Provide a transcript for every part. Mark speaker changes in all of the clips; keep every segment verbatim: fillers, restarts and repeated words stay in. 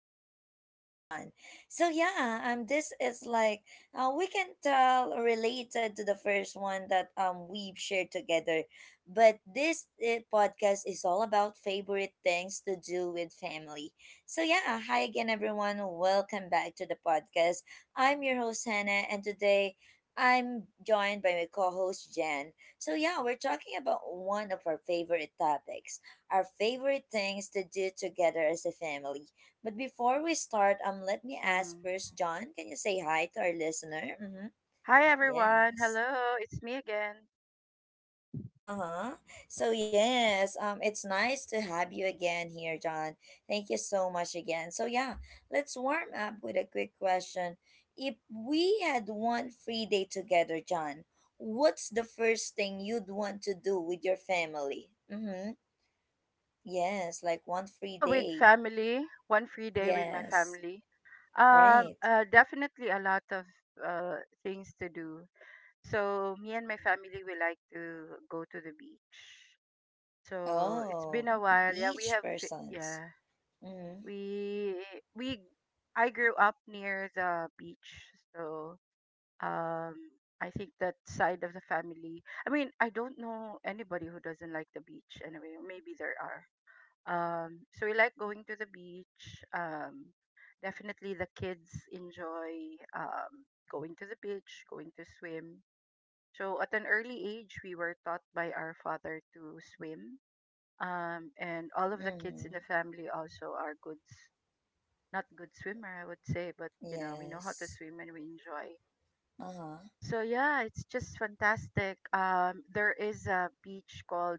Speaker 1: podcast with John. So yeah, um this is like uh, we can tell, related to the first one that um we've shared together. But this uh, podcast is all about favorite things to do with family. So yeah, hi again everyone. Welcome back to the podcast. I'm your host Hannah, and today I'm joined by my co-host Jen. So yeah, we're talking about one of our favorite topics, our favorite things to do together as a family. But before we start, um, let me ask
Speaker 2: Mm.
Speaker 1: first, John, can you say hi to our listener? Mm-hmm.
Speaker 2: Hi everyone.
Speaker 1: Yes.
Speaker 2: Hello, it's me again.
Speaker 1: Uh huh. So yes, um, it's nice to have you again here, John. Thank you so much again. So yeah, let's warm up with a quick question. If we had one free day together, John, what's the first thing you'd want to do with your family? Mm-hmm. Yes, like one free
Speaker 2: Ah, with
Speaker 1: day.
Speaker 2: family, one free day with my
Speaker 1: Yes.
Speaker 2: family. Um,
Speaker 1: Right.
Speaker 2: uh, definitely a lot of uh things to do. So me and my family we like to go to the beach. So it's
Speaker 1: Oh,
Speaker 2: been a while. Yeah, we
Speaker 1: beach
Speaker 2: have. fi-
Speaker 1: persons.
Speaker 2: Yeah,
Speaker 1: Mm-hmm.
Speaker 2: we we I grew up near the beach, so um I think that side of the family. I mean, I don't know anybody who doesn't like the beach anyway. Maybe there are. Um, so we like going to the beach. Um, definitely the kids enjoy um, going to the beach, going to swim. So at an early age, we were taught by our father to swim. Um, and all of the kids in
Speaker 1: Mm-hmm.
Speaker 2: the family also are good, s- not good swimmer, I would say, but you know, we know how to
Speaker 1: Yes.
Speaker 2: swim and we enjoy.
Speaker 1: Uh-huh.
Speaker 2: So yeah, it's just fantastic. Um, there is a beach called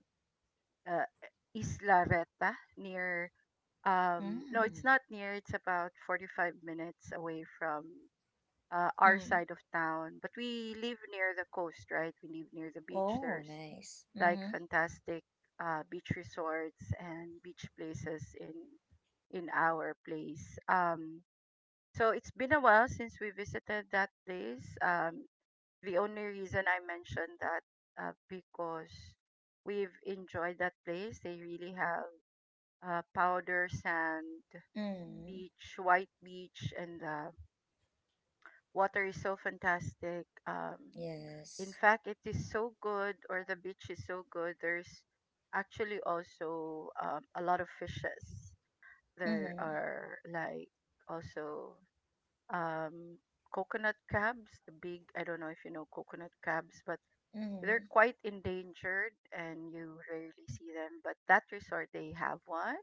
Speaker 2: uh, Isla Reta near. Um, no, it's
Speaker 1: Mm.
Speaker 2: not near. It's about forty-five minutes away from uh, our
Speaker 1: Mm.
Speaker 2: side of town. But we live near the coast, right? We live near the beach.
Speaker 1: Oh,
Speaker 2: There's
Speaker 1: nice.
Speaker 2: like
Speaker 1: Mm-hmm.
Speaker 2: fantastic uh, beach resorts and beach places in in our place. Um, so it's been a while since we visited that place. Um, the only reason I mentioned that uh, because we've enjoyed that place. They really have uh, powder sand
Speaker 1: Mm.
Speaker 2: beach, white beach, and the water is so fantastic. Um, in
Speaker 1: Yes.
Speaker 2: fact, it is so good, or the beach is so good. There's actually also um, a lot of fishes. There
Speaker 1: Mm-hmm.
Speaker 2: are like also um, coconut crabs, the big, I don't know if you know coconut crabs, but
Speaker 1: Mm-hmm.
Speaker 2: they're quite endangered and you rarely see them, but that resort they have one.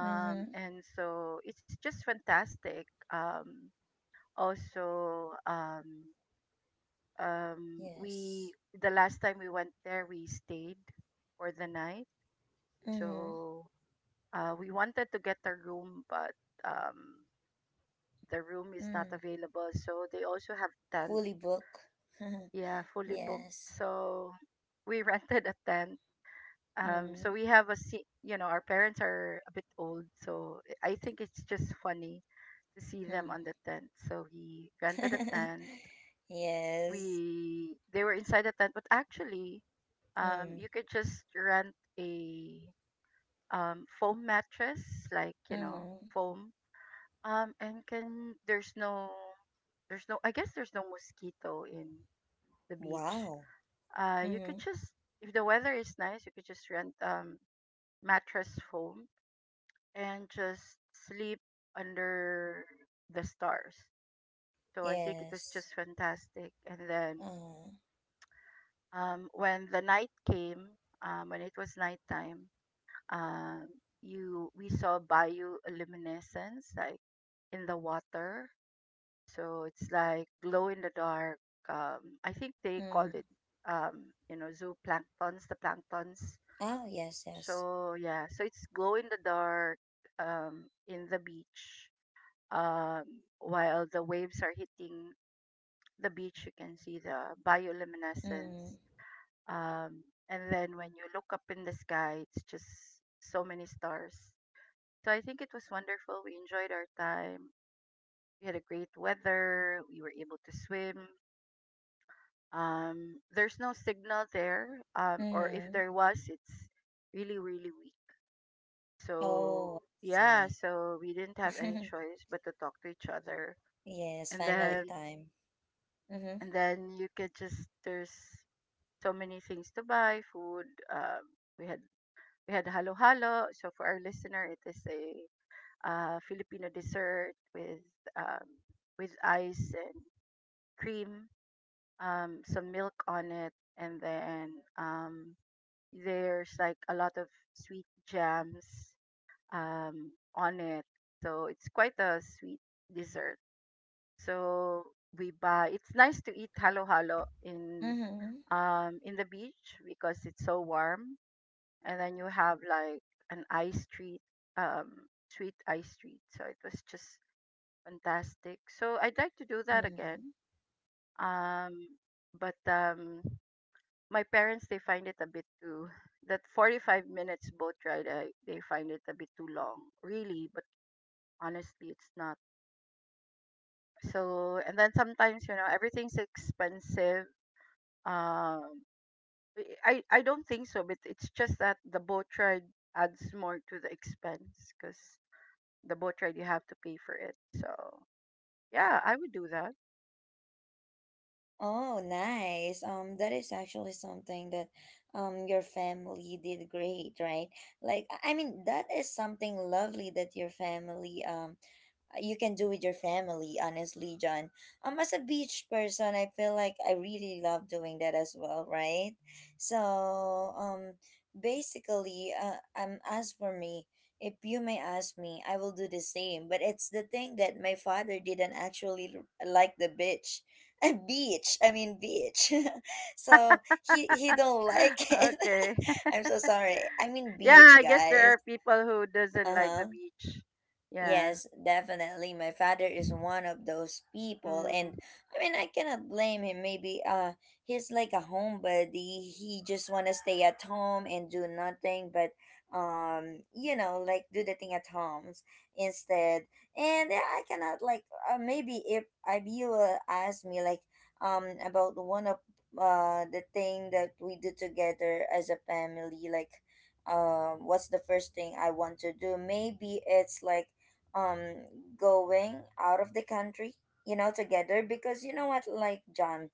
Speaker 1: Mm-hmm.
Speaker 2: and So it's just fantastic. Um also um um we
Speaker 1: Yes.
Speaker 2: The last time we went there we stayed for the night.
Speaker 1: Mm-hmm.
Speaker 2: So uh we wanted to get a room, but um the room is not
Speaker 1: Mm.
Speaker 2: available, so they also have tent.
Speaker 1: Fully book.
Speaker 2: Yeah, fully booked,
Speaker 1: Yes.
Speaker 2: so we rented a tent. Um
Speaker 1: Mm-hmm.
Speaker 2: so we have a se- you know, our parents are a bit old, so I think it's just funny to see them
Speaker 1: Mm.
Speaker 2: on the tent, so we rented a tent.
Speaker 1: Yes.
Speaker 2: We They were inside the tent, but actually um
Speaker 1: Mm.
Speaker 2: you could just rent a um foam mattress, like you know,
Speaker 1: Mm-hmm.
Speaker 2: foam. Um and can There's no, there's no I guess there's no mosquito in the beach.
Speaker 1: Wow.
Speaker 2: Uh you
Speaker 1: Mm-hmm.
Speaker 2: could just, if the weather is nice, you could just rent um mattress foam and just sleep under the stars. So I think it was
Speaker 1: Yes.
Speaker 2: just fantastic. And then
Speaker 1: Uh.
Speaker 2: um, when the night came, um, when it was nighttime, um, you we saw bioluminescence like in the water. So it's like glow in the dark. Um, I think they called
Speaker 1: Mm.
Speaker 2: it, um, you know, zooplanktons, the planktons.
Speaker 1: Oh, yes, yes.
Speaker 2: So yeah, so it's glow in the dark um, in the beach um, while the waves are hitting the beach, you can see the
Speaker 1: Mm,
Speaker 2: bioluminescence. Um, and then when you look up in the sky, it's just so many stars. So I think it was wonderful. We enjoyed our time. We had a great weather. We were able to swim. Um, there's no signal there, um, or if
Speaker 1: mm.
Speaker 2: there was, it's really, really weak.
Speaker 1: Oh, I
Speaker 2: So, yeah,
Speaker 1: see.
Speaker 2: so we didn't have any choice but to talk to each other.
Speaker 1: Yes,
Speaker 2: And
Speaker 1: family
Speaker 2: then
Speaker 1: time. Mm-hmm.
Speaker 2: and then you could just, there's so many things to buy, food. um we had we had halo halo. So for our listener, it is a uh, filipino dessert with um, with ice and cream, um, some milk on it, and then um, there's like a lot of sweet jams um, on it. So it's quite a sweet dessert. So we buy it's nice to eat halo halo in
Speaker 1: Mm-hmm.
Speaker 2: um in the beach because it's so warm, and then you have like an ice treat, um sweet ice treat. So it was just fantastic, so I'd like to do that
Speaker 1: Mm-hmm.
Speaker 2: again. Um but um My parents, they find it a bit too, that forty-five minutes boat ride, I, they find it a bit too long really, but honestly it's not. So and then sometimes, you know, everything's expensive. Um I I don't think so, but it's just that the boat ride adds more to the expense because the boat ride you have to pay for it. So yeah, I would do that.
Speaker 1: Oh, nice. Um, that is actually something that um your family did great, right? Like I I mean, that is something lovely that your family um you can do with your family, honestly, John. Um, as a beach person, I feel like I really love doing that as well, right? So, um, basically, uh, um, as for me, if you may ask me, I will do the same. But it's the thing that my father didn't actually l- like the beach. Beach, I mean, beach. so he he don't like it.
Speaker 2: Okay.
Speaker 1: I'm so sorry, I mean,
Speaker 2: Yeah,
Speaker 1: beach
Speaker 2: I guess there are
Speaker 1: guys.
Speaker 2: people who doesn't like the
Speaker 1: Uh-huh.
Speaker 2: beach. Yeah.
Speaker 1: Yes, definitely. My father is one of those people, and
Speaker 2: Mm,
Speaker 1: I mean, I cannot blame him. Maybe uh, he's like a homebody. He just wanna stay at home and do nothing, but um, you know, like do the thing at homes instead. And uh, I cannot like uh, maybe if if you uh, ask me like um about one of uh the thing that we do together as a family, like um, what's the first thing I want to do? Maybe it's like um going out of the country, you know, together, because you know what, like John,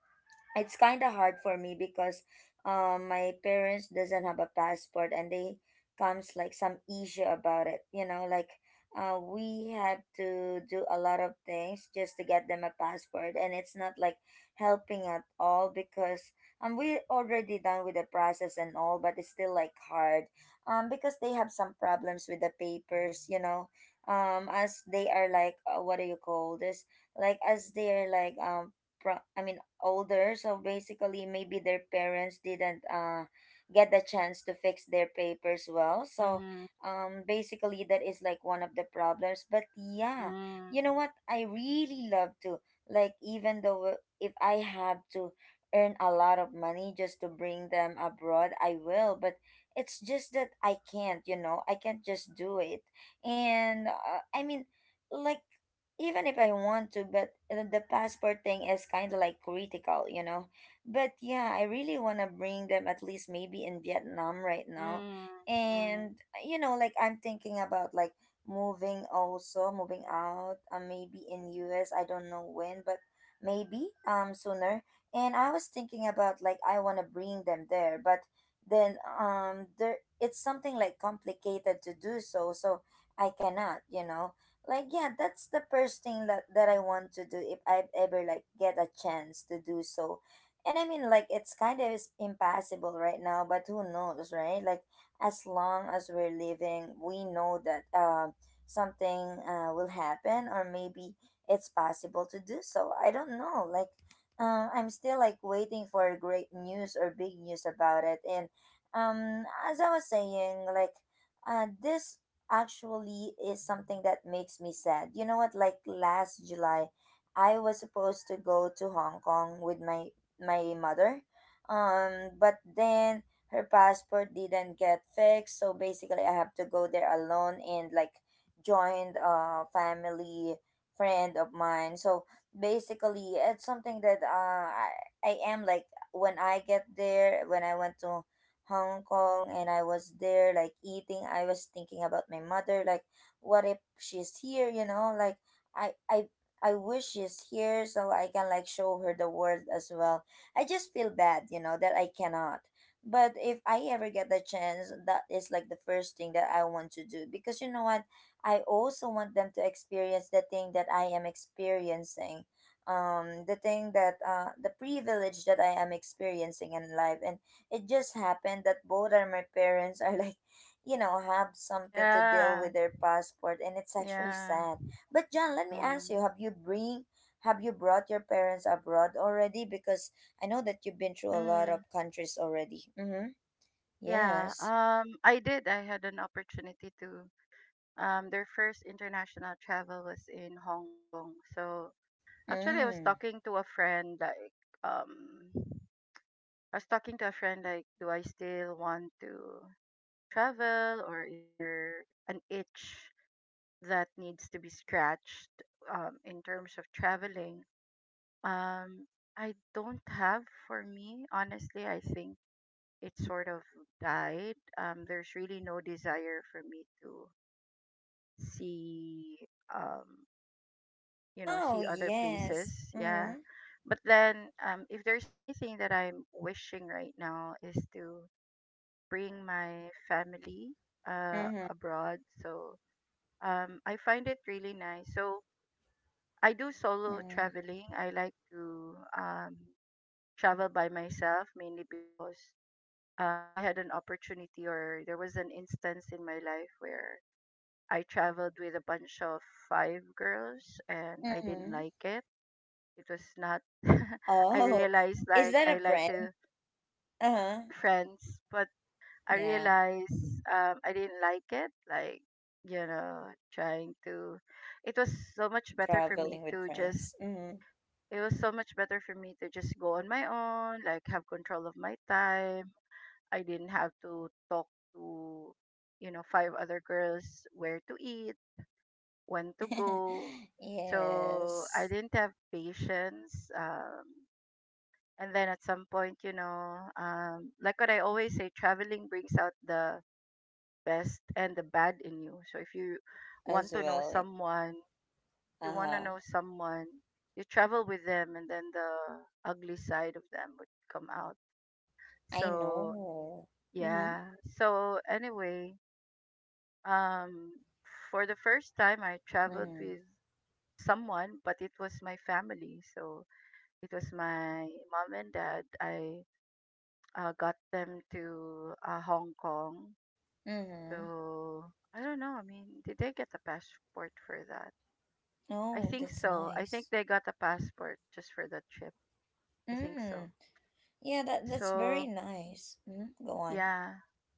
Speaker 1: it's kind of hard for me because um my parents doesn't have a passport and they comes like some issue about it, you know, like uh, we have to do a lot of things just to get them a passport, and it's not like helping at all because um we already done with the process and all, but it's still like hard um because they have some problems with the papers, you know, um as they are like uh, what do you call this, like as they're like um pro- I mean older, so basically maybe their parents didn't uh get the chance to fix their papers well, so
Speaker 2: mm,
Speaker 1: um basically that is like one of the problems. But yeah,
Speaker 2: mm,
Speaker 1: you know what, I really love to, like, even though if I have to earn a lot of money just to bring them abroad, I will. But it's just that I can't, you know, I can't just do it. And uh, I mean, like, even if I want to, but uh, the passport thing is kind of like critical, you know. But yeah, I really want to bring them at least maybe in Vietnam right now.
Speaker 2: mm, mm.
Speaker 1: And, you know, like I'm thinking about like moving also, moving out, uh, maybe in U. S. I don't know when, but maybe um sooner. And I was thinking about like I want to bring them there, but then um there it's something like complicated to do so, so I cannot, you know, like yeah, that's the first thing that, that I want to do if I ever like get a chance to do so. And I mean, like, it's kind of is impossible right now, but who knows, right? Like as long as we're living, we know that um something uh, will happen, or maybe it's possible to do so. I don't know, like um I'm still like waiting for great news or big news about it. And um as I was saying, like uh this actually is something that makes me sad. You know what? Like last July, I was supposed to go to Hong Kong with my my mother, um, but then her passport didn't get fixed, so basically I have to go there alone and like joined a family friend of mine. So basically, it's something that uh, I I am like, when I get there, when I went to Hong Kong, and I was there like eating, I was thinking about my mother like, what if she's here, you know? Like I I I wish she's here so I can like show her the world as well. I just feel bad, you know, that I cannot. But if I ever get the chance, that is like the first thing that I want to do, because you know what? I also want them to experience the thing that I am experiencing, um the thing that uh the privilege that I am experiencing in life. And it just happened that both are my parents are like, you know, have something to deal
Speaker 2: Yeah,
Speaker 1: with their passport, and it's actually
Speaker 2: yeah.
Speaker 1: sad. But John, let me ask
Speaker 2: Mm,
Speaker 1: you: Have you bring, have you brought your parents abroad already? Because I know that you've been through a lot of
Speaker 2: mm.
Speaker 1: countries already. Mm-hmm.
Speaker 2: Yeah,
Speaker 1: Yes.
Speaker 2: um, I did. I had an opportunity to. Um, their first international travel was in Hong Kong. So actually, I was
Speaker 1: Mm.
Speaker 2: talking to a friend like, um, I was talking to a friend like, do I still want to travel, or is there an itch that needs to be scratched um, in terms of traveling? Um, I don't have, for me, honestly. I think it sort of died. Um, there's really no desire for me to see um you know,
Speaker 1: Oh
Speaker 2: see other
Speaker 1: yes.
Speaker 2: places. Yeah,
Speaker 1: Mm-hmm.
Speaker 2: but then um if there's anything that I'm wishing right now, is to bring my family uh
Speaker 1: Mm-hmm.
Speaker 2: abroad. So um I find it really nice. So I do solo
Speaker 1: Mm.
Speaker 2: traveling. I like to um travel by myself, mainly because um I had an opportunity, or there was an instance in my life where I traveled with a bunch of five girls, and I didn't
Speaker 1: Mm-hmm.
Speaker 2: like it. It was not. I
Speaker 1: Oh,
Speaker 2: realized
Speaker 1: is
Speaker 2: like
Speaker 1: that
Speaker 2: I
Speaker 1: a
Speaker 2: like
Speaker 1: friend?
Speaker 2: to,
Speaker 1: Uh-huh.
Speaker 2: there were friends, but I
Speaker 1: Yeah,
Speaker 2: realized um I didn't like it. Like, you know, trying to, it was so much better for
Speaker 1: traveling
Speaker 2: me
Speaker 1: with
Speaker 2: to
Speaker 1: friends.
Speaker 2: just,
Speaker 1: Mm-hmm.
Speaker 2: it was so much better for me to just go on my own, like have control of my time. I didn't have to talk to, you know, five other girls, where to eat, when to go. So I
Speaker 1: Yes,
Speaker 2: didn't have patience. Um and then at some point, you know, um, like what I always say, traveling brings out the best and the bad in you. So if you
Speaker 1: as
Speaker 2: want to know
Speaker 1: well.
Speaker 2: someone, you want to
Speaker 1: Uh,
Speaker 2: know someone you travel with them, and then the ugly side of them would come out.
Speaker 1: I
Speaker 2: So
Speaker 1: know. Mm-hmm.
Speaker 2: yeah. So anyway, um for the first time, I traveled
Speaker 1: Mm.
Speaker 2: with someone, but it was my family. So it was my mom and dad. I uh, Got them to uh, Hong Kong.
Speaker 1: Mm-hmm.
Speaker 2: So I don't know. I mean, did they get a passport for that? I
Speaker 1: Oh,
Speaker 2: think
Speaker 1: that's
Speaker 2: so. I
Speaker 1: nice.
Speaker 2: think they got a passport just for that trip. I think
Speaker 1: Mm.
Speaker 2: so.
Speaker 1: Yeah, that that's very
Speaker 2: So
Speaker 1: nice. Mm, go on.
Speaker 2: yeah.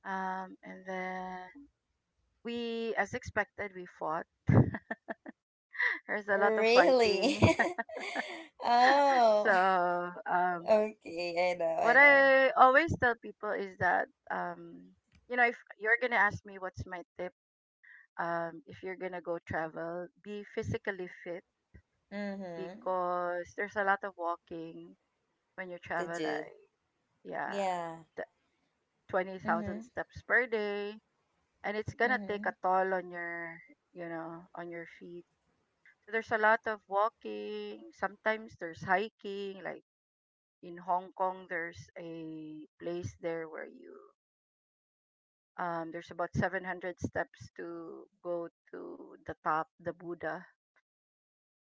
Speaker 2: Um, and then we, as expected, we fought. There's a lot of
Speaker 1: Really?
Speaker 2: fighting.
Speaker 1: Oh,
Speaker 2: So um,
Speaker 1: okay. I know.
Speaker 2: what
Speaker 1: I know.
Speaker 2: I always tell people is that, um, you know, if you're gonna ask me what's my tip, um, if you're gonna go travel, be physically fit,
Speaker 1: Mm-hmm.
Speaker 2: because there's a lot of walking when you
Speaker 1: To
Speaker 2: travel.
Speaker 1: do.
Speaker 2: Like, yeah,
Speaker 1: Yeah.
Speaker 2: th- twenty thousand
Speaker 1: Mm-hmm.
Speaker 2: steps per day, and it's gonna take
Speaker 1: Mm-hmm.
Speaker 2: a toll on your, you know, on your feet. So there's a lot of walking. Sometimes there's hiking. Like in Hong Kong, there's a place there where you, um, there's about seven hundred steps to go to the top, the Buddha.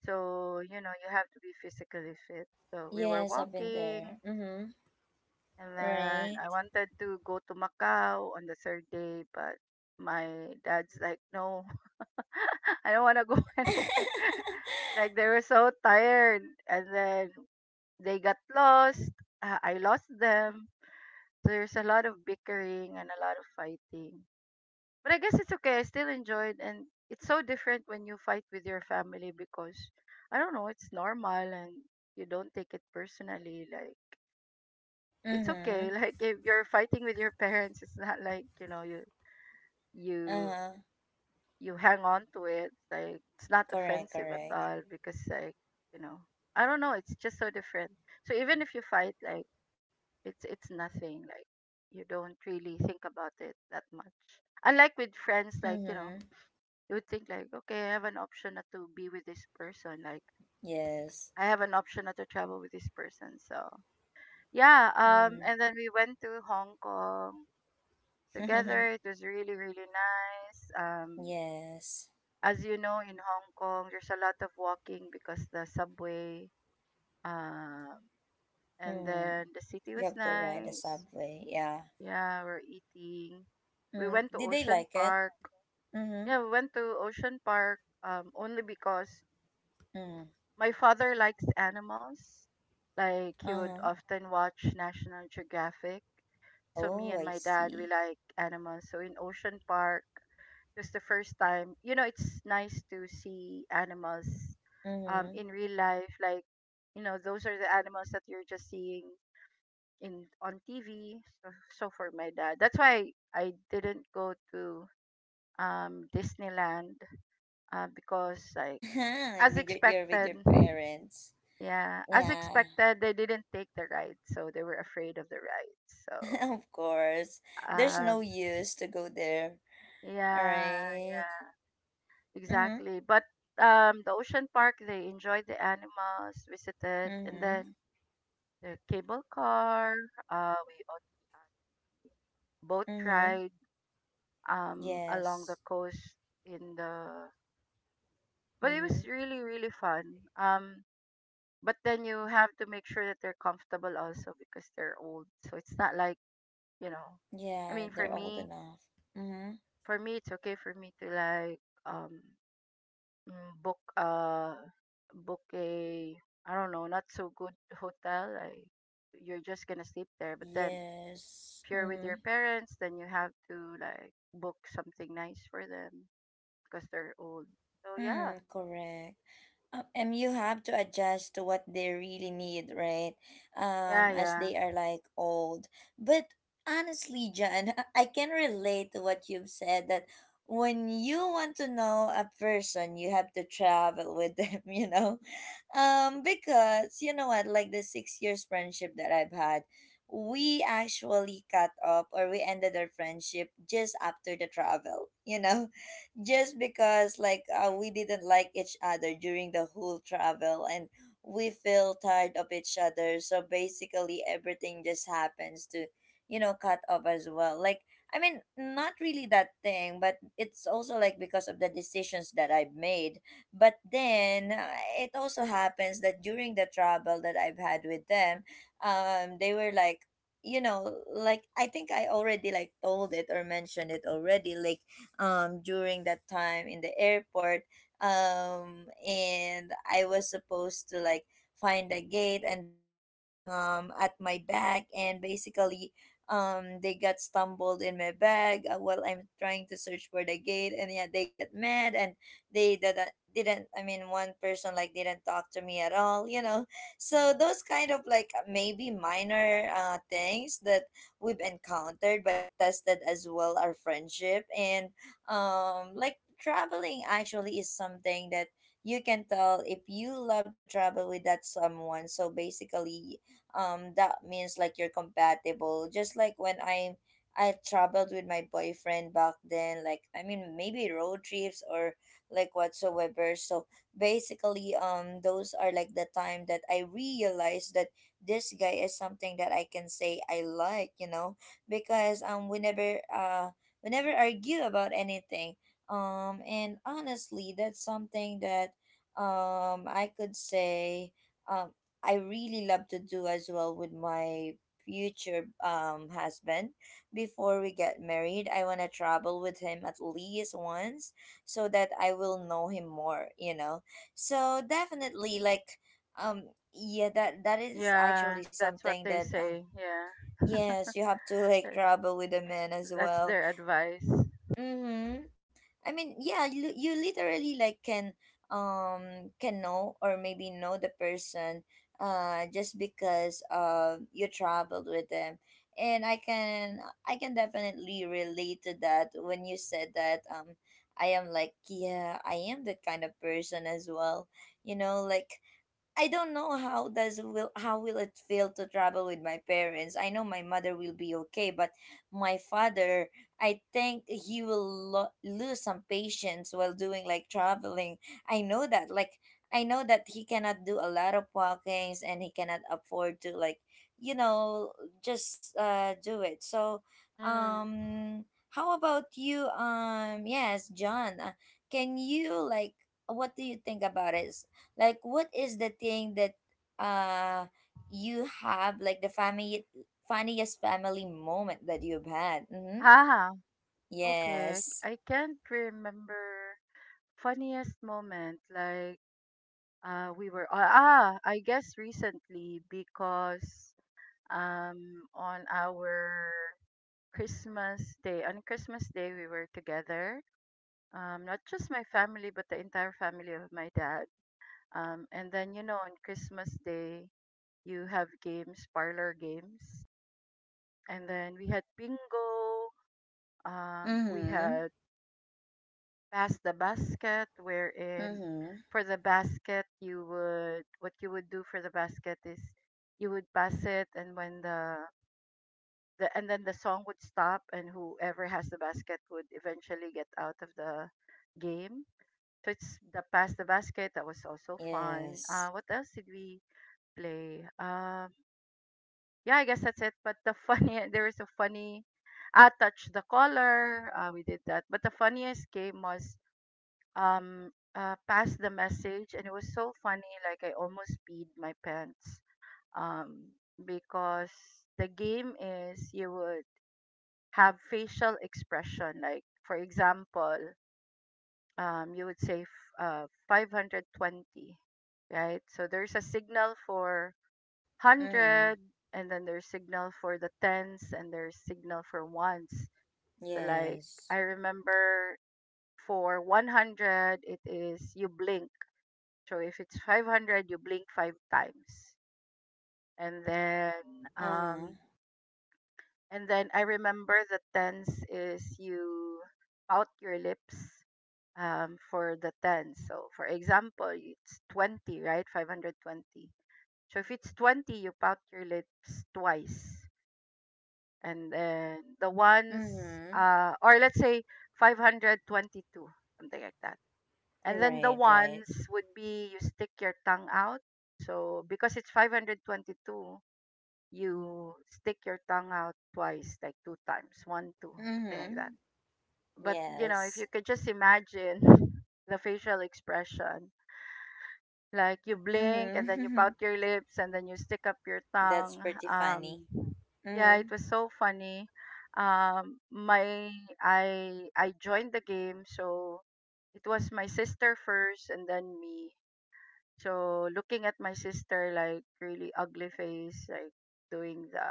Speaker 2: So, you know, you have to be physically fit. So we were
Speaker 1: Yes, I've been there.
Speaker 2: walking,
Speaker 1: Mm-hmm.
Speaker 2: and then
Speaker 1: Right.
Speaker 2: I wanted to go to Macau on the third day, but my dad's like, no, I don't want to go anywhere. Like they were so tired, and then they got lost. Uh, I lost them. So there's a lot of bickering and a lot of fighting. But I guess it's okay. I still enjoyed, and it's so different when you fight with your family, because I don't know, it's normal, and you don't take it personally. Like it's okay.
Speaker 1: Mm-hmm.
Speaker 2: Like if you're fighting with your parents, it's not like, you know, you you
Speaker 1: Uh-huh.
Speaker 2: you hang on to it. Like it's not
Speaker 1: Correct,
Speaker 2: offensive at
Speaker 1: correct.
Speaker 2: all, because like, you know, I don't know. It's just so different. So even if you fight, like it's it's nothing. Like you don't really think about it that much. Unlike with friends, like, you know,
Speaker 1: Mm-hmm.
Speaker 2: you would think like, okay, I have an option not to be with this person. Like
Speaker 1: Yes.
Speaker 2: I have an option not to travel with this person. So yeah, um,
Speaker 1: Mm.
Speaker 2: and then we went to Hong Kong together. It was really really nice. Um,
Speaker 1: Yes.
Speaker 2: as you know, in Hong Kong, there's a lot of walking because the subway. Um, and
Speaker 1: Mm.
Speaker 2: then the city
Speaker 1: You
Speaker 2: was
Speaker 1: have to ride a
Speaker 2: nice.
Speaker 1: subway. Yeah.
Speaker 2: Yeah, we're eating. We
Speaker 1: Mm.
Speaker 2: went to
Speaker 1: Did they
Speaker 2: Ocean
Speaker 1: like it?
Speaker 2: Park.
Speaker 1: Mm-hmm.
Speaker 2: Yeah, we went to Ocean Park um only because
Speaker 1: Mm.
Speaker 2: my father likes animals. Like he would
Speaker 1: Uh-huh.
Speaker 2: often watch National Geographic. So me
Speaker 1: Oh,
Speaker 2: and
Speaker 1: I
Speaker 2: my dad, we
Speaker 1: see.
Speaker 2: like animals. So in Ocean Park, it was the first time. You know, it's nice to see animals um
Speaker 1: Mm-hmm.
Speaker 2: in real life. Like, you know, those are the animals that you're just seeing in on T V. So, so for my dad. That's why I didn't go to um Disneyland uh, because like as
Speaker 1: With your, you're with your
Speaker 2: expected.
Speaker 1: parents.
Speaker 2: Yeah, as
Speaker 1: Yeah.
Speaker 2: expected, they didn't take the ride, so they were afraid of the ride. So,
Speaker 1: Of course. There's
Speaker 2: um,
Speaker 1: no use to go there. All
Speaker 2: yeah,
Speaker 1: right.
Speaker 2: yeah,
Speaker 1: Mm-hmm.
Speaker 2: exactly. But um, the ocean park, they enjoyed the animals, visited, and
Speaker 1: Mm-hmm.
Speaker 2: then the cable car. Uh, we also had boat
Speaker 1: Mm-hmm.
Speaker 2: ride um along the
Speaker 1: Yes.
Speaker 2: coast in the. But it
Speaker 1: Mm-hmm.
Speaker 2: was really really fun. Um, but then you have to make sure that they're comfortable also because they're old, so it's not like you know i
Speaker 1: Yeah,
Speaker 2: mean for
Speaker 1: they're old
Speaker 2: me,
Speaker 1: enough. Mm-hmm.
Speaker 2: for me it's okay for me to like um mm, book uh book a, I don't know, not so good hotel like you're just gonna sleep there. But then
Speaker 1: Yes.
Speaker 2: if you're with
Speaker 1: Mm-hmm.
Speaker 2: your parents then you have to like book something nice for them because they're old, so yeah
Speaker 1: Mm, correct. Uh, and you have to adjust to what they really need, right?
Speaker 2: yeah
Speaker 1: Um, as
Speaker 2: yeah
Speaker 1: they are like old. But honestly, John, I can relate to what you've said that when you want to know a person, you have to travel with them, you know? Um, because you know what, like the six years friendship that I've had, we actually cut off, or we ended our friendship just after the travel, you know? Just because like uh, we didn't like each other during the whole travel, and we feel tired of each other, so basically everything just happens to, you know, cut off as well. Like, I mean, not really that thing, but it's also like because of the decisions that I've made. But then uh, it also happens that during the travel that I've had with them, um they were like, you know, like I think I already like told it or mentioned it already, like um, during that time in the airport. Um, and I was supposed to like find a gate, and they are like um, at my back, and basically um they got stumbled in my bag uh, while I'm trying to search for the gate, and yeah, they get mad, and they didn't didn't I mean, one person like didn't talk to me at all, you know. So those kind of like maybe minor uh things that we've encountered, but it tested as well our friendship. And um like traveling actually is something that you can tell if you love to travel with that someone. So basically um that means like you're compatible, just like when i i traveled with my boyfriend back then, like I mean maybe road trips or like whatsoever. So basically um those are like the time that I realized that this guy is something that I can say I like, you know, because um we never uh we never argue about anything. Um, and honestly, that's something that um, I could say um, I really love to do as well with my future um, husband. Before we get married, I want to travel with him at least once, so that I will know him more, you know? So definitely, like, um, yeah, that that is
Speaker 2: yeah,
Speaker 1: actually
Speaker 2: that's what
Speaker 1: something
Speaker 2: they
Speaker 1: that, um,
Speaker 2: say. Yeah,
Speaker 1: yes, you have to like
Speaker 2: Th-
Speaker 1: travel with a man as
Speaker 2: that's
Speaker 1: well.
Speaker 2: their advice.
Speaker 1: Mm-hmm. I mean, yeah, you, you literally like can um can know, or maybe know the person uh just because uh you traveled with them. And I can I can definitely relate to that when you said that um I am like yeah, I am that kind of person as well. You know, like I don't know how does will how will it feel to travel with my parents. I know my mother will be okay, but my father, I think he will lo- lose some patience while doing like traveling. I know that like I know that he cannot do a lot of walkings and he cannot afford to like you know just uh do it. So
Speaker 2: Mm.
Speaker 1: um how about you um yes John, uh, can you like what do you think about it, like, what is the thing that uh you have like the family funniest family moment that you've had? Mm-hmm.
Speaker 2: Ah, okay,
Speaker 1: Yes.
Speaker 2: i I can't remember. Funniest moment, like uh, we were ah, ah, I guess recently because um on our Christmas day on Christmas day we were together. Um, not just my family but the entire family of my dad. Um, and then you know on Christmas day you have games, parlor games, and then we had bingo. Um, we
Speaker 1: Mm-hmm.
Speaker 2: had pass the basket wherein
Speaker 1: Mm-hmm.
Speaker 2: for the basket you would, what you would do for the basket is you would pass it. And when the, the and then the song would stop and whoever has the basket would eventually get out of the game. So it's the pass the basket that was also fun. Uh,
Speaker 1: Yes.
Speaker 2: what else did we play? Um, yeah, I guess that's it. But the funny there was a funny uh, touch the collar, uh, we did that. But the funniest game was um uh, passed the message, and it was so funny like I almost peed my pants. um because the game is you would have facial expression, like for example um you would say f- uh five hundred twenty, right? So there's a signal for
Speaker 1: Mm-hmm.
Speaker 2: one hundred, and then there's signal for the tens, and there's signal for ones. Like, I
Speaker 1: Yes.
Speaker 2: remember for one hundred it is you blink. So if it's five hundred, you blink five times. And then,
Speaker 1: Uh-huh.
Speaker 2: um, and then I remember the tens is you pout your lips um, for the ten. So for example, it's twenty, right? five hundred twenty. So if it's twenty, you pout your lips twice. And then the ones,
Speaker 1: Mm-hmm.
Speaker 2: uh, or let's say five twenty-two, something like that. And then the
Speaker 1: Right, right.
Speaker 2: ones would be you stick your tongue out. So because it's five twenty-two, you stick your tongue out twice, like two times, one, two, something like that.
Speaker 1: Mm-hmm.
Speaker 2: But you know, if you
Speaker 1: Yes.
Speaker 2: could just imagine the facial expression, like you blink and then you pout
Speaker 1: Mm-hmm.
Speaker 2: your lips and then you stick up your
Speaker 1: That's
Speaker 2: tongue.
Speaker 1: pretty funny.
Speaker 2: Um, yeah, it
Speaker 1: Mm-hmm.
Speaker 2: was so funny. Um, my I I joined the game, so it was my sister first and then me. So looking at my sister like really ugly face like doing the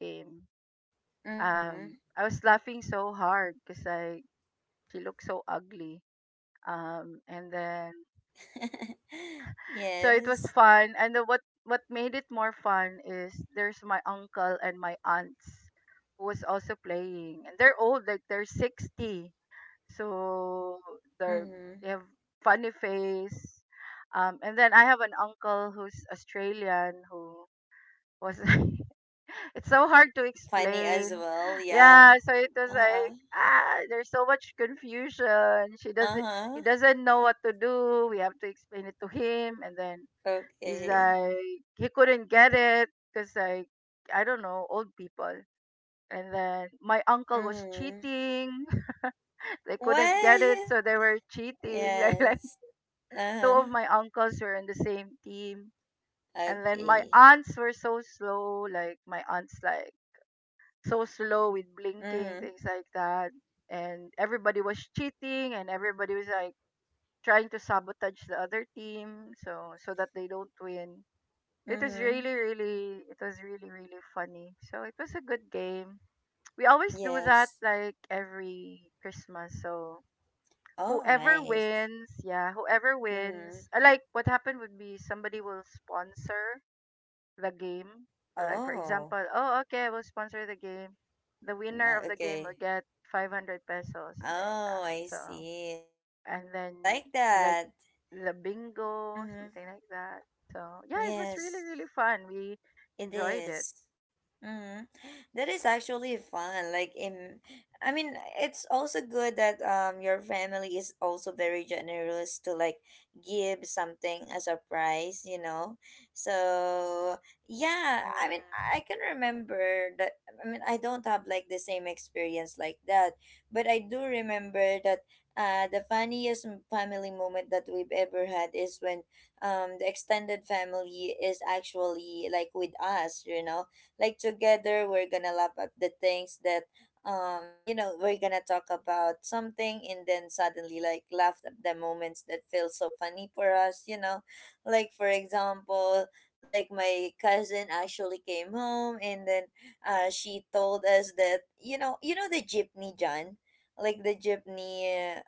Speaker 2: game, um,
Speaker 1: Mm-hmm.
Speaker 2: I was laughing so hard because I she looked so ugly. Um, and then so it was
Speaker 1: Yes.
Speaker 2: fun. And then what what made it more fun is there's my uncle and my aunts who was also playing, and they're old like they're sixty, so they're
Speaker 1: Mm-hmm.
Speaker 2: they have funny face. Um, and then I have an uncle who's Australian who was it's so hard to
Speaker 1: Funny
Speaker 2: explain.
Speaker 1: as well, yeah.
Speaker 2: Yeah, so it was
Speaker 1: Uh-huh.
Speaker 2: like ah, there's so much confusion. She doesn't he
Speaker 1: Uh-huh.
Speaker 2: doesn't know what to do. We have to explain it to him, and then he's
Speaker 1: Okay.
Speaker 2: like he couldn't get it because like I don't know, old people. And then my uncle was
Speaker 1: Mm.
Speaker 2: cheating. They couldn't
Speaker 1: What?
Speaker 2: get it, so they were cheating. Like, like
Speaker 1: Yes.
Speaker 2: two
Speaker 1: Uh-huh.
Speaker 2: of my uncles were in the same team. And then my
Speaker 1: Okay.
Speaker 2: aunts were so slow. Like my aunts like so slow with blinking,
Speaker 1: Mm-hmm.
Speaker 2: things like that. And everybody was cheating and everybody was like trying to sabotage the other team so so that they don't win. It was
Speaker 1: Mm-hmm.
Speaker 2: really, really it was really, really funny. So it was a good game. We always do that
Speaker 1: Yes.
Speaker 2: like every Christmas. So
Speaker 1: Oh,
Speaker 2: whoever
Speaker 1: nice.
Speaker 2: wins, yeah, whoever
Speaker 1: Mm-hmm.
Speaker 2: wins. uh, Like what happened would be somebody will sponsor the game. So like for
Speaker 1: Oh.
Speaker 2: example, oh okay, we'll sponsor the game. The winner
Speaker 1: Ni-
Speaker 2: of the game
Speaker 1: okay.
Speaker 2: will get five hundred pesos, something like
Speaker 1: Oh,
Speaker 2: that.
Speaker 1: I
Speaker 2: So
Speaker 1: see.
Speaker 2: and
Speaker 1: Oh,
Speaker 2: then
Speaker 1: I like
Speaker 2: like
Speaker 1: that.
Speaker 2: the bingo,
Speaker 1: Mm-hmm.
Speaker 2: something like that. So yeah, it was really
Speaker 1: Yes.
Speaker 2: really fun. We
Speaker 1: It
Speaker 2: enjoyed it.
Speaker 1: is. Mm. That is actually fun. Like in, I mean, it's also good that um your family is also very generous to like give something as a prize, you know. So yeah, I mean,
Speaker 2: Mm.
Speaker 1: I can remember that. I mean, I don't have like the same experience like that, but I do remember that. Uh, the funniest m- family moment that we've ever had is when um the extended family is actually like with us, you know, like together we're gonna laugh at the things that um you know we're gonna talk about something and then suddenly like laugh at the moments that feel so funny for us, you know, like for example, like my cousin actually came home and then uh she told us that you know, you know the jeepney John, like the jeepney, uh,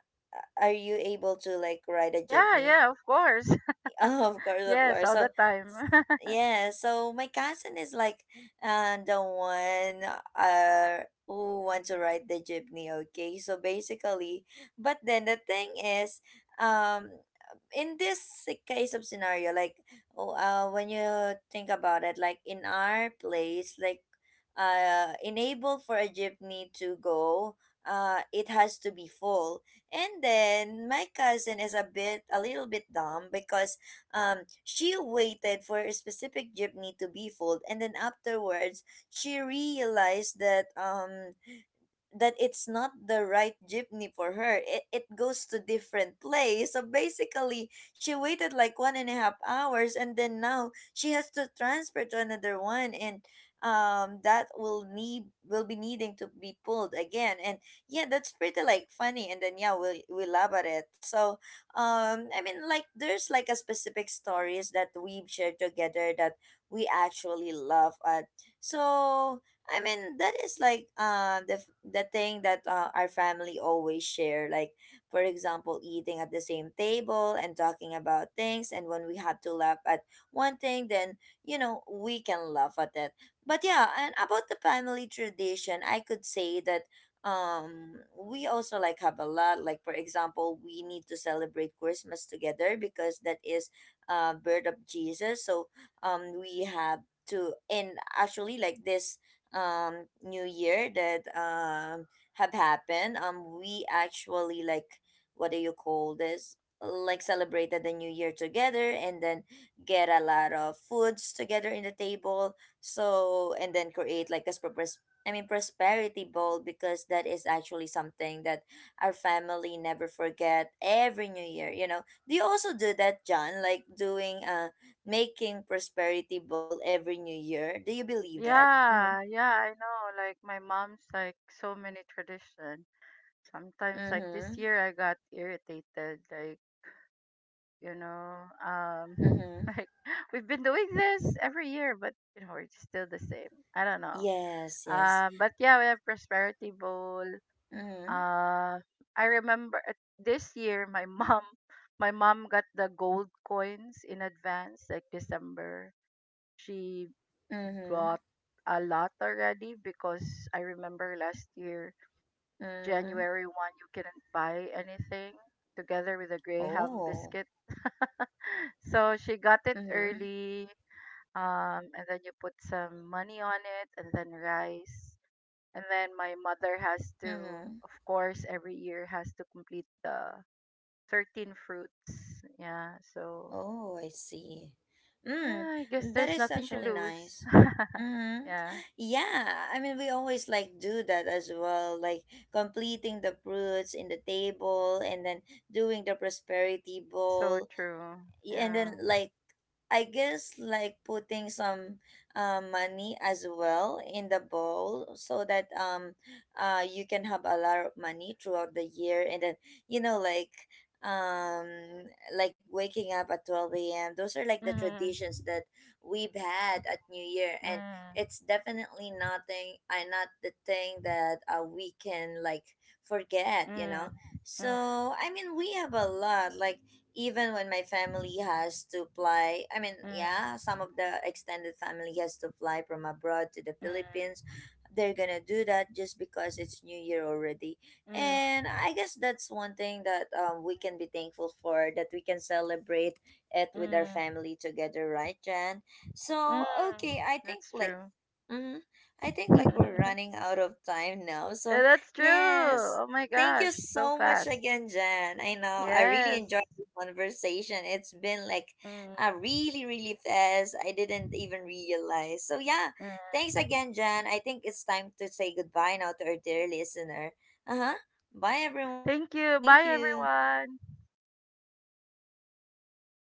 Speaker 1: are you able to like ride a
Speaker 2: Yeah,
Speaker 1: jeepney?
Speaker 2: yeah, of course.
Speaker 1: Oh, of course, of
Speaker 2: Yes,
Speaker 1: course.
Speaker 2: all
Speaker 1: So,
Speaker 2: the time.
Speaker 1: s- yeah, so my cousin is like uh, the one uh, who wants to ride the jeepney, okay? So basically, but then the thing is, um, in this si- case of scenario, like oh, uh, when you think about it, like in our place, like uh, enable for a jeepney to go, uh, it has to be full. And then my cousin is a bit, a little bit dumb because um, she waited for a specific jeepney to be full, and then afterwards, she realized that um that it's not the right jeepney for her. It, it goes to different place. So basically, she waited like one and a half hours, and then now she has to transfer to another one, and um, that will need will be needing to be pulled again. And yeah, that's pretty like funny. And then yeah, we we laugh at it. So um, I mean, like there's like a specific stories that we shared together that we actually laugh at. So I mean, that is like uh, the f- the thing that uh, our family always share. Like, for example, eating at the same table and talking about things. And when we have to laugh at one thing, then you know we can laugh at it. But yeah, and about the family tradition, I could say that um we also like have a lot. Like for example, we need to celebrate Christmas together because that is uh birth of Jesus. So um we have to, and actually like this um new year that um have happened, um we actually like what do you call this, like celebrated the new year together and then get a lot of foods together in the table, so and then create like this purpose, I mean prosperity bowl, because that is actually something that our family never forget every new year, you know. Do you also do that, John? Like doing uh making prosperity bowl every new year? Do you believe that? Mm-hmm.
Speaker 2: Yeah, yeah, I know. Like my mom's like so many tradition. Sometimes like this
Speaker 1: Mhm.
Speaker 2: year I got irritated like you know um
Speaker 1: Mhm.
Speaker 2: like we've been doing this every year but you know we're still the same, I don't know.
Speaker 1: Yes, yes.
Speaker 2: Um, but yeah, we have prosperity bowl.
Speaker 1: Mhm.
Speaker 2: Uh i remember uh, this year my mom my mom got the gold coins in advance, like december she
Speaker 1: Mhm.
Speaker 2: bought a lot already because I remember last year
Speaker 1: Mhm.
Speaker 2: january first you couldn't buy anything together with a graham
Speaker 1: Oh.
Speaker 2: biscuit, so she got it
Speaker 1: Mhm.
Speaker 2: early. Um, and then you put some money on it, and then rice. And then my mother has to,
Speaker 1: Mhm.
Speaker 2: of course, every year has to complete the thirteen fruits. Yeah, so
Speaker 1: Oh, I see. Mm,
Speaker 2: ah, I guess
Speaker 1: that
Speaker 2: there's
Speaker 1: is
Speaker 2: nothing to
Speaker 1: actually
Speaker 2: lose.
Speaker 1: nice. Mhm.
Speaker 2: Yeah,
Speaker 1: Yeah, I mean, we always like do that as well, like completing the fruits in the table and then doing the prosperity
Speaker 2: so
Speaker 1: bowl,
Speaker 2: true.
Speaker 1: y- and
Speaker 2: Yeah.
Speaker 1: then like I guess like putting some uh, money as well in the bowl so that um uh you can have a lot of money throughout the year and then you know, like um like waking up at twelve a m, those are like the
Speaker 2: Mm,
Speaker 1: traditions that we've had at New Year, and
Speaker 2: mm,
Speaker 1: it's definitely nothing I, uh, not the thing that uh, we can like forget, you
Speaker 2: mm,
Speaker 1: know.
Speaker 2: mm,
Speaker 1: So I mean, we have a lot, like even when my family has to fly, I mean yeah,
Speaker 2: mm,
Speaker 1: some of the extended family has to fly from abroad to the Philippines. They're gonna do that just because it's new year already,
Speaker 2: mm,
Speaker 1: and
Speaker 2: mm,
Speaker 1: I guess that's one thing that um, we can be thankful for, that we can celebrate it with our
Speaker 2: mm,
Speaker 1: family together, right, Jan?
Speaker 2: mm.
Speaker 1: So okay, I think
Speaker 2: That's
Speaker 1: like
Speaker 2: true.
Speaker 1: Mm-hmm. I think like we're running out of time now.
Speaker 2: Uh,
Speaker 1: So,
Speaker 2: that's true.
Speaker 1: yes,
Speaker 2: Oh my
Speaker 1: thank you
Speaker 2: gosh, so
Speaker 1: so much
Speaker 2: fast.
Speaker 1: again, Jan. I know I really enjoyed
Speaker 2: Yes.
Speaker 1: the conversation. It's been like
Speaker 2: Mm,
Speaker 1: a really, really fast. I didn't even realize. So, yeah, thanks
Speaker 2: mm.
Speaker 1: again, Jan. I think it's time to say goodbye now to our dear listener. Uh huh. Bye,
Speaker 2: Thank
Speaker 1: everyone.
Speaker 2: you. Bye,
Speaker 1: Thank you.
Speaker 2: everyone.